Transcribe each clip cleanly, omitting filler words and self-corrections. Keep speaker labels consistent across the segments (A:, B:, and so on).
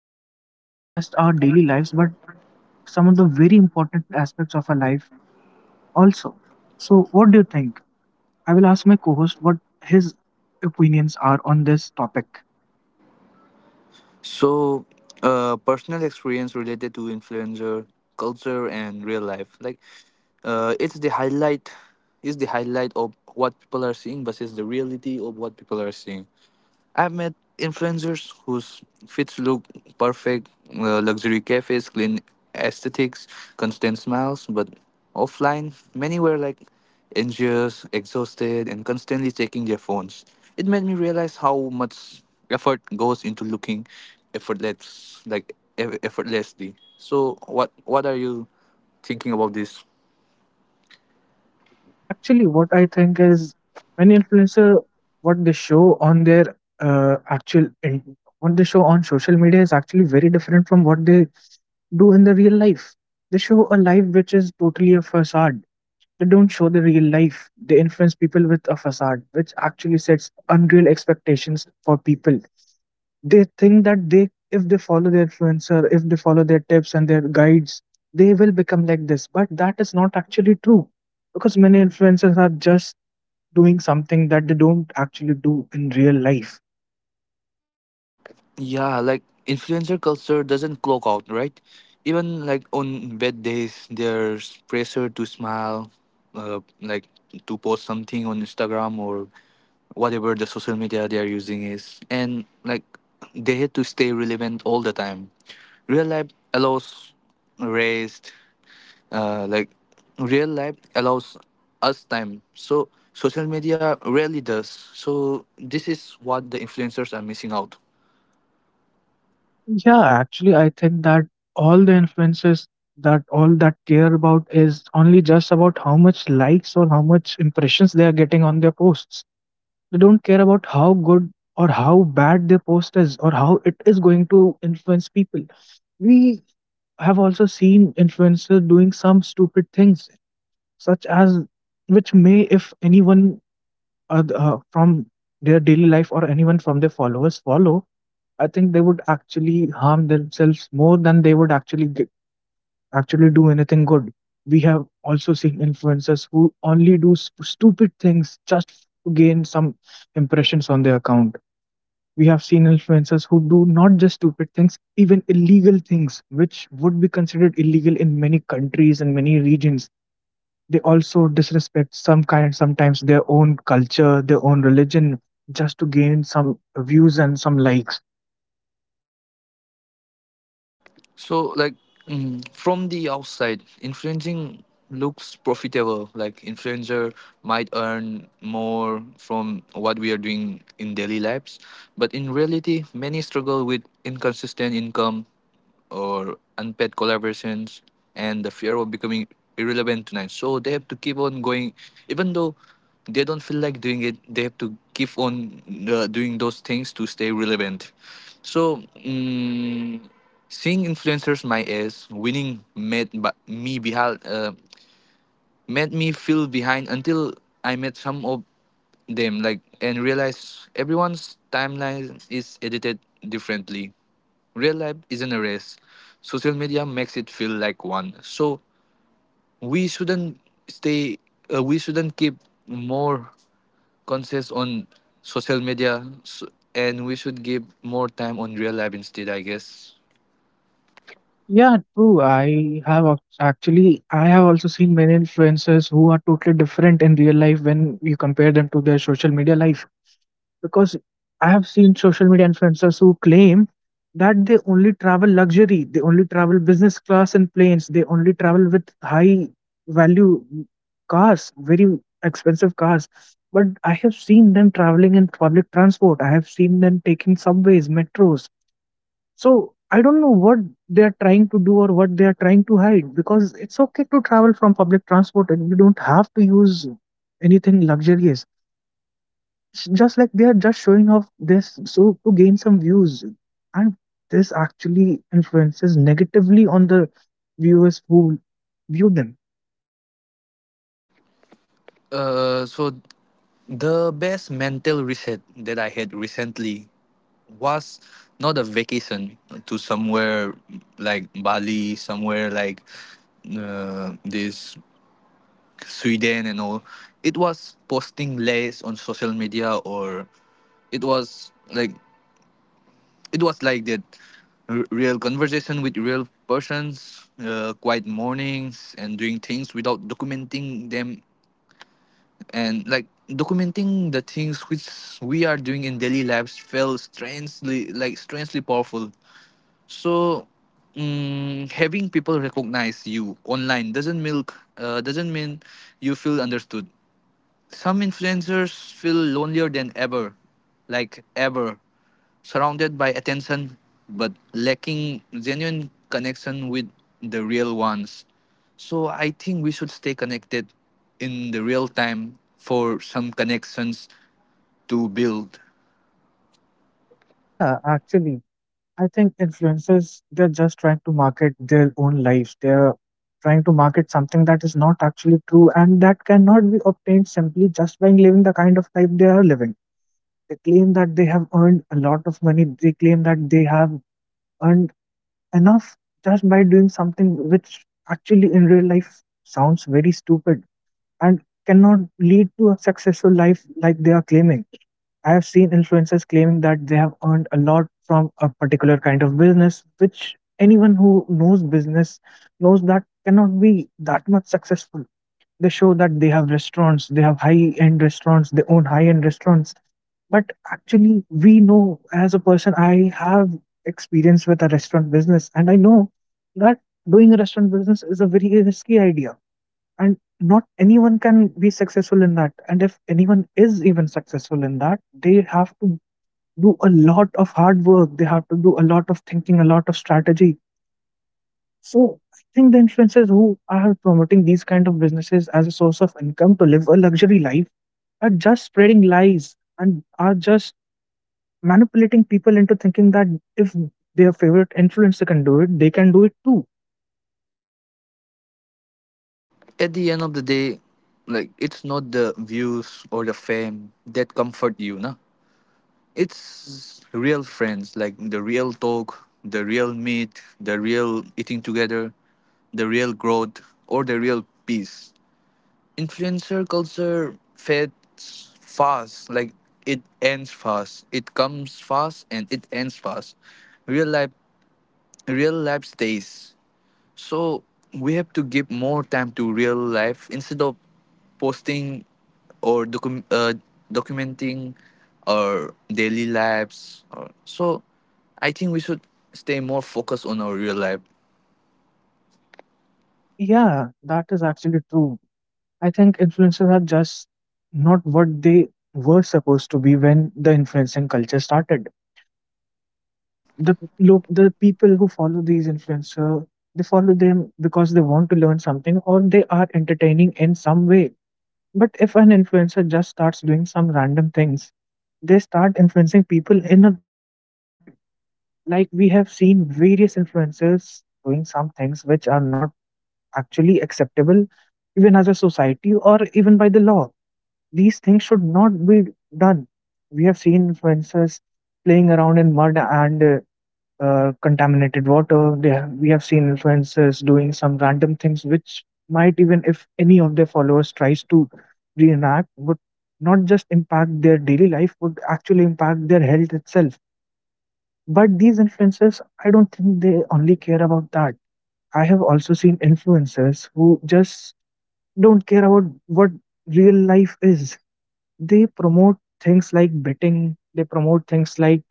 A: influence not just our daily lives but some of the very important aspects of our life also. So, what do you think? I will ask my co host what his opinions are on this topic.
B: So, personal experience related to influencer culture and real life, like, uh, it's the highlight, is the highlight of what people are seeing versus the reality of what people are seeing. I've met influencers whose fits look perfect, luxury cafes, clean aesthetics, constant smiles, but offline, many were like anxious, exhausted, and constantly checking their phones. It made me realize how much effort goes into looking effortless, like effortlessly. So, what are you thinking about this?
A: Yeah, actually, what I think is many influencer what they show on their actual in, what they show on social media is actually very different from what they do in the real life. They show a life which is totally a facade. They don't show the real life. They influence people with a facade, which actually sets unreal expectations for people. They think that they if they follow their tips and their guides, they will become like this, but that is not actually true, because many influencers are just doing something that they don't actually do in real life.
B: Yeah, like influencer culture doesn't clock out, right? Even like on bad days, there's pressure to smile, like to post something on Instagram or whatever the social media they are using is. And like they had to stay relevant all the time. Real life allows rest, like real life allows us time. So social media rarely does. So this is what the influencers are missing out.
A: Yeah, actually, I think that all the influencers, that all that care about is only just about how much likes or how much impressions they are getting on their posts. They don't care about how good or how bad their post is or how it is going to influence people. We I have also seen influencers doing some stupid things, such as, which may, if anyone from their daily life or anyone from their followers follow, I think they would actually harm themselves more than they would actually actually do anything good. We have also seen influencers who only do stupid things just to gain some impressions on their account. We have seen influencers who do not just stupid things, even illegal things, which would be considered illegal in many countries and many regions. They also disrespect some sometimes their own culture, their own religion, just to gain some views and some likes.
B: So, like, from the outside, influencing looks profitable. Like, influencer might earn more from what we are doing in daily lives, but in reality, many struggle with inconsistent income, or unpaid collaborations and the fear of becoming irrelevant tonight. So they have to keep on going, even though they don't feel like doing it. They have to keep on doing those things to stay relevant. So mm seeing influencers my age winning made me feel behind until I met some of them like and realized everyone's timeline is edited differently. Real life isn't a race. Social media makes it feel like one. So we shouldn't stay. We shouldn't keep more conscious on social media, so, and we should give more time on real life instead. I guess.
A: Yeah, true. Actually, I have also seen many influencers who are totally different in real life when you compare them to their social media life, because I have seen social media influencers who claim that they only travel luxury, they only travel business class in planes, they only travel with high value cars, very expensive cars. But I have seen them traveling in public transport, I have seen them taking subways, metros. So I don't know what they are trying to do or what they are trying to hide, because it's okay to travel from public transport and you don't have to use anything luxurious. It's just like they are just showing off this so to gain some views, and this actually influences negatively on the viewers who view them.
B: So the best mental reset that I had recently was not a vacation to somewhere like Bali, somewhere like this Sweden and all, it was posting less on social media or it was like it was like that real conversation with real persons, quiet mornings and doing things without documenting them and like documenting the things which we are doing in daily lives felt strangely powerful. So having people recognize you online doesn't mean you feel understood. Some influencers feel lonelier than ever, like ever, surrounded by attention but lacking genuine connection with the real ones. So I think we should stay connected in the real time for some connections to build.
A: Yeah, actually, I think influencers, they're just trying to market their own lives. They're trying to market something that is not actually true and that cannot be obtained simply just by living the kind of life they are living. They claim that they have earned a lot of money. They claim that they have earned enough just by doing something which actually in real life sounds very stupid, and cannot lead to a successful life like they are claiming. I have seen influencers claiming that they have earned a lot from a particular kind of business, which anyone who knows business knows that cannot be that much successful. They show that they have restaurants, they have high end restaurants, they own high end restaurants. But actually, we know as a person, I have experience with a restaurant business, and I know that doing a restaurant business is a very risky idea, and not anyone can be successful in that. And if anyone is even successful in that, they have to do a lot of hard work, they have to do a lot of thinking, a lot of strategy. So I think the influencers who are promoting these kind of businesses as a source of income to live a luxury life are just spreading lies and are just manipulating people into thinking that if their favorite influencer can do it, they can do it too.
B: At the end of the day, like it's not the views or the fame that comfort you, na? It's real friends, like the real talk, the real meet, the real eating together, the real growth, or the real peace. Influencer culture fades fast, like it ends fast. It comes fast and it ends fast. Real life, real life stays. So we have to give more time to real life instead of posting or documenting our daily lives. Or, so I think we should stay more focused on our real life.
A: Yeah, that is actually true. I think influencers are just not what they were supposed to be when the influencing culture started. The people who follow these influencer, they follow them because they want to learn something or they are entertaining in some way. But if an influencer just starts doing some random things, they start influencing people in the wrong way. Like we have seen various influencers doing some things which are not actually acceptable, even as a society or even by the law. These things should not be done. We have seen influencers playing around in mud and contaminated water. We have seen influencers doing some random things which might, even if any of their followers tries to reenact, would not just impact their daily life, would actually impact their health itself. But these influencers, I don't think they only care about that. I have also seen influencers who just don't care about what real life is. They promote things like betting, they promote things like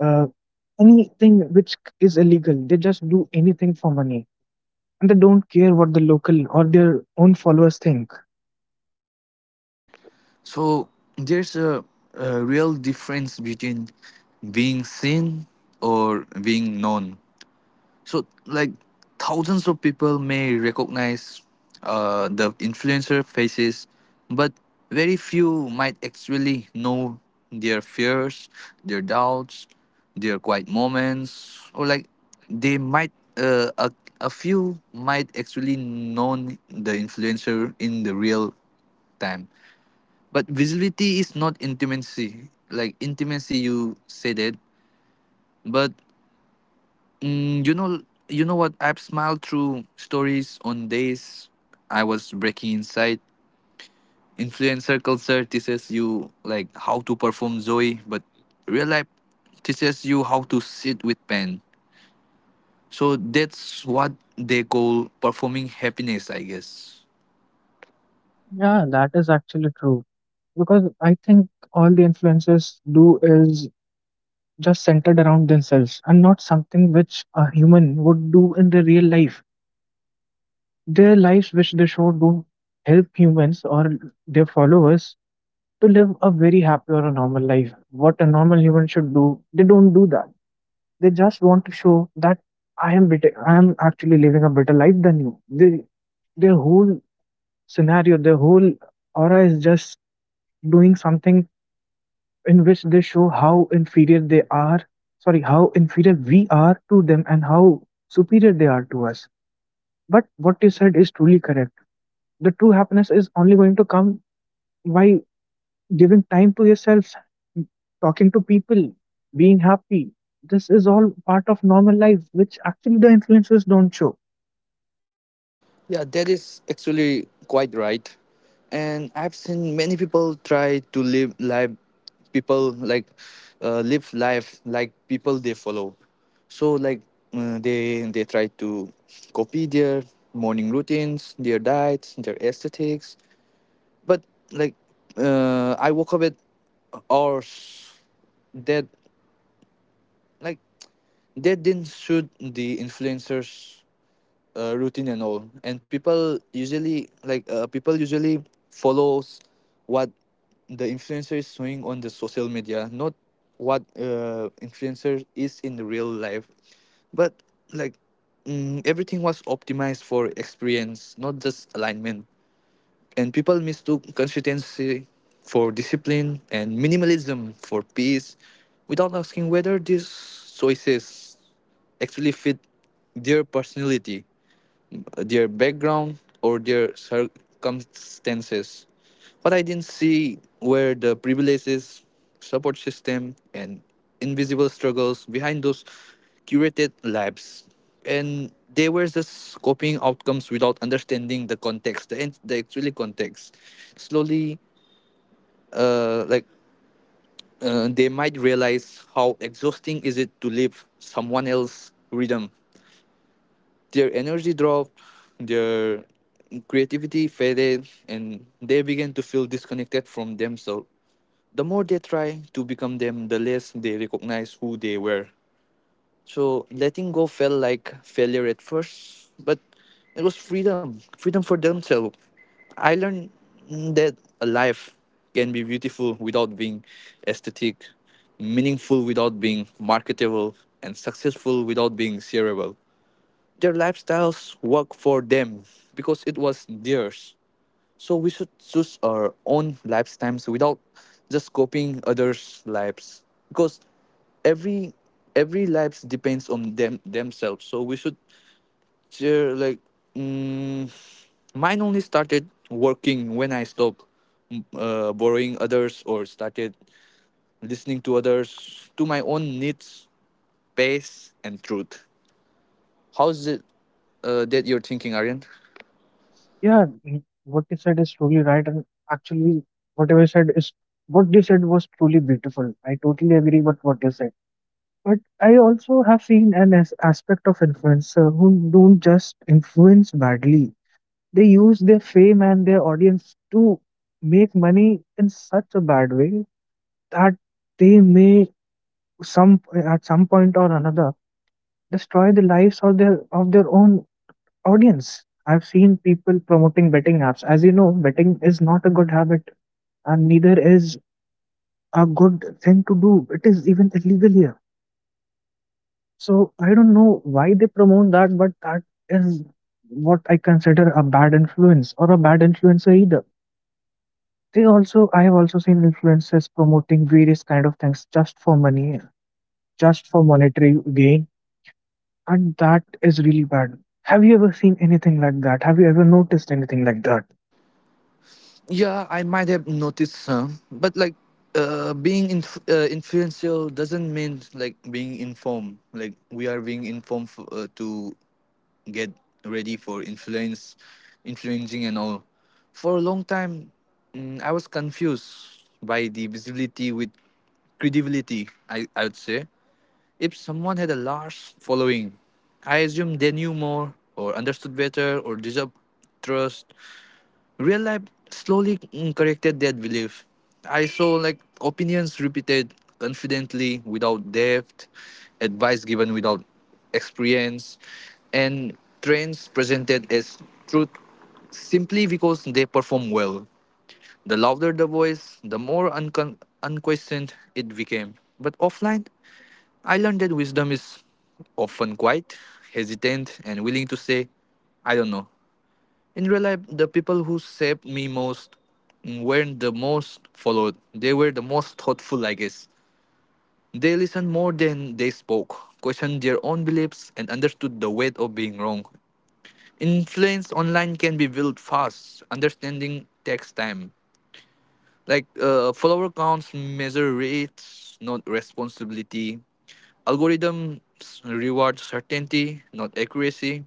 A: uh, anything which is illegal. They just do anything for money. And they don't care what the local or their own followers think.
B: So there's a real difference between being seen or being known. So like thousands of people may recognize the influencer faces, but very few might actually know their fears, their doubts, their quiet moments, or like they might uh, a, a few might actually know the influencer in the real time. But visibility is not intimacy. Like intimacy, you said it, but Mm, you know, you know what? I've smiled through stories on days I was breaking inside. Influencer culture teaches you like how to perform Zoe, but real life teaches you how to sit with pain. So that's what they call performing happiness, I guess.
A: Yeah, that is actually true. Because I think all the influencers do is just centered around themselves, and not something which a human would do in their real life. Their lives, which they show, don't help humans or their followers to live a very happy or a normal life. What a normal human should do, they don't do that. They just want to show that I am better. I am actually living a better life than you. Their whole scenario, their whole aura is just doing something in which they show how inferior they are. Sorry, how inferior we are to them and how superior they are to us. But what you said is truly correct. The true happiness is only going to come by giving time to yourself, talking to people, being happy. This is all part of normal life which actually the influencers don't show.
B: Yeah, that is actually quite right. And I've seen many people try to live life, people like live life like people they follow. So like they try to copy their morning routines, their diets, their aesthetics. But like I woke up at hours that like that didn't suit the influencers routine and all and people usually follows what the influencer is showing on the social media not what influencer is in the real life but like everything was optimized for experience not just alignment and people mistook consistency for discipline and minimalism for peace without asking whether these choices actually fit their personality, their background or their circumstances. What I didn't see were the privileges, support system, and invisible struggles behind those curated lives. And they were just copying outcomes without understanding the actually context. Slowly, uh, like they might realize how exhausting is it to live someone else's rhythm. Their energy dropped, their creativity faded, and they began to feel disconnected from themselves. The more they try to become them, the less they recognize who they were. So letting go felt like failure at first, but it was freedom for themselves. I learned that a life can be beautiful without being aesthetic, meaningful without being marketable, and successful without being shareable. Their lifestyles work for them because it was theirs. So we should choose our own lifestyles without just copying others' lives because every every lives depends on them themselves. So we should share like mm, mine only started working when I stopped borrowing others or started listening to others to my own needs, pace, and truth. How's it that you're thinking, Aryan?
A: What you said is truly right, and actually whatever you said is what you said was truly beautiful. I totally agree with what you said, but I also have seen an aspect of influencer who don't just influence badly. They use their fame and their audience to make money in such a bad way that they may, some at some point or another, destroy the lives of their own audience. I've seen people promoting betting apps. As you know, betting is not a good habit, and neither is a good thing to do. It is even illegal here. So I don't know why they promote that, but that is what I consider a bad influence or a bad influencer either. I have also seen influencers promoting various kind of things just for money, just for monetary gain, and that is really bad. Have you ever seen anything like that? Have you ever noticed anything like that?
B: Yeah, I might have noticed some, but like influential doesn't mean like being informed. Like we are being informed to get ready for influence, influencing and all. For a long time, I was confused by the visibility with credibility. I would say if someone had a large following, I assumed they knew more or understood better or deserved trust. Real life slowly corrected that belief. I saw like opinions repeated confidently without depth, advice given without experience, and trends presented as truth simply because they perform well. The louder the voice, the more unquestioned it became. But offline, I learned that wisdom is often quiet, hesitant, and willing to say, I don't know. In real life, the people who saved me most weren't the most followed. They were the most thoughtful, I guess. They listened more than they spoke, questioned their own beliefs, and understood the weight of being wrong. Influence online can be built fast. Understanding takes time. Like follower counts measure reach, not responsibility. Algorithms reward certainty, not accuracy.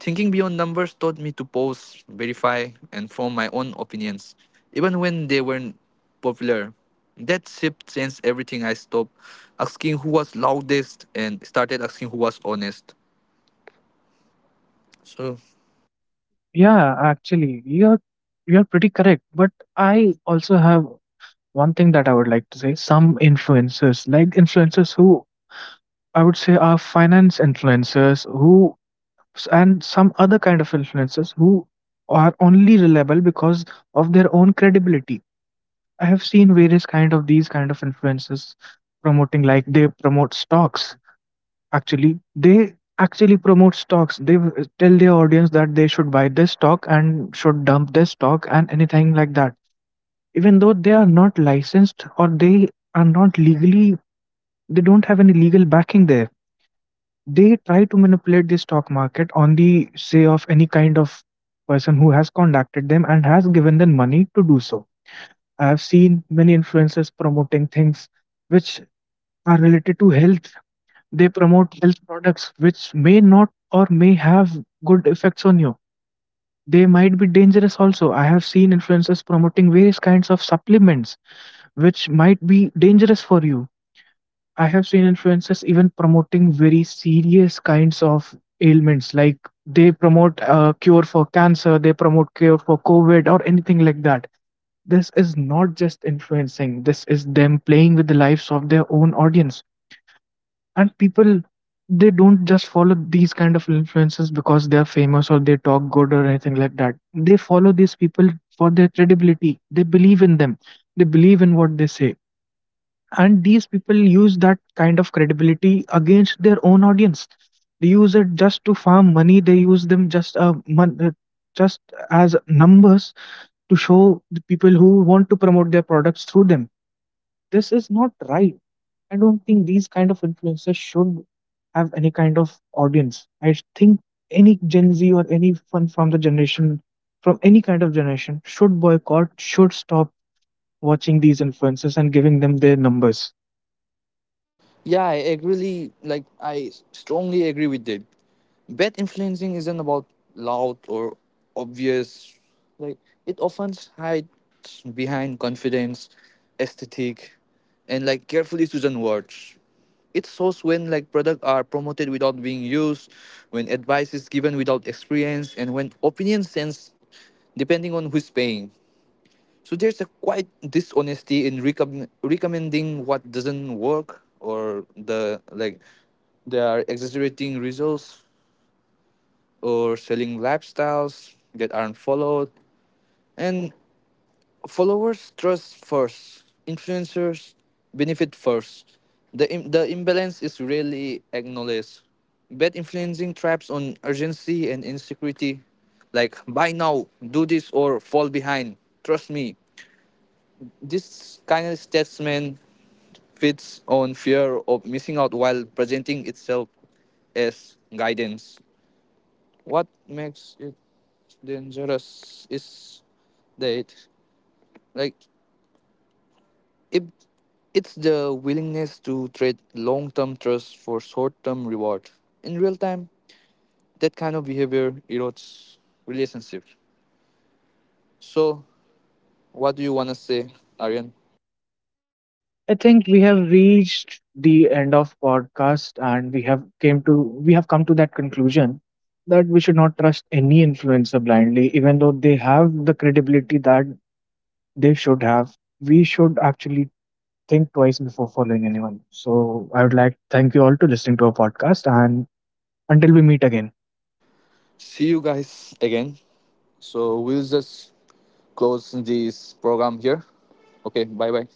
B: Thinking beyond numbers taught me to pause, verify, and form my own opinions, even when they weren't popular. That shift changed everything. I stopped asking who was loudest and started asking who was honest. So
A: Yeah, actually, you're pretty correct. But I also have one thing that I would like to say. Some influencers, like influencers who, I would say, are finance influencers, who and some other kind of influencers who are only reliable because of their own credibility. I have seen various kind of these kind of influences promoting, like they promote stocks. Actually, they actually promote stocks. They tell their audience that they should buy this stock and should dump this stock and anything like that. Even though they are not licensed, or they are not legally, they don't have any legal backing there. They try to manipulate the stock market on the say of any kind of person who has contacted them and has given them money to do so. I've seen many influencers promoting things which are related to health. They promote health products which may not or may have good effects on you. They might be dangerous also. I have seen influencers promoting various kinds of supplements which might be dangerous for you. I have seen influencers even promoting very serious kinds of ailments, like they promote a cure for cancer, they promote cure for COVID, or anything like that. This is not just influencing, this is them playing with the lives of their own audience. And people, they don't just follow these kind of influencers because they are famous or they talk good or anything like that. They follow these people for their credibility, they believe in them, they believe in what they say, and these people use that kind of credibility against their own audience. They use it just to farm money, they use them just as numbers to show the people who want to promote their products through them. This is not right. I don't think these kind of influencers should have any kind of audience. I think any Gen Z or anyone from the generation, from any kind of generation, should boycott, should stop watching these influencers and giving them their numbers.
B: yeah, I agree. Like I strongly agree with that. Bet influencing isn't about loud or obvious. Like it often hides behind confidence, aesthetic, and like carefully chosen words. It shows when like products are promoted without being used, when advice is given without experience, and when opinions sense depending on who's paying. So there's a quite dishonesty in recommending what doesn't work or the like they are exaggerating results or selling lifestyles that aren't followed, and followers trust first, influencers benefit first. The imbalance is rarely acknowledged. Bad influencing traps on urgency and insecurity, like buy now, do this or fall behind, trust me. This kind of statement feeds on fear of missing out while presenting itself as guidance. What makes it dangerous is that, like, if it's the willingness to trade long term trust for short term reward. In real time, that kind of behavior erodes relationships. So, what do you want to say, Aryan?
A: I think we have reached the end of podcast, and we have come to that conclusion that we should not trust any influencer blindly, even though they have the credibility that they should have. We should actually think twice before following anyone. So I would like to thank you all to listening to our podcast, and until we meet again.
B: See you guys again. So, we'll just close this program here. Okay, bye bye.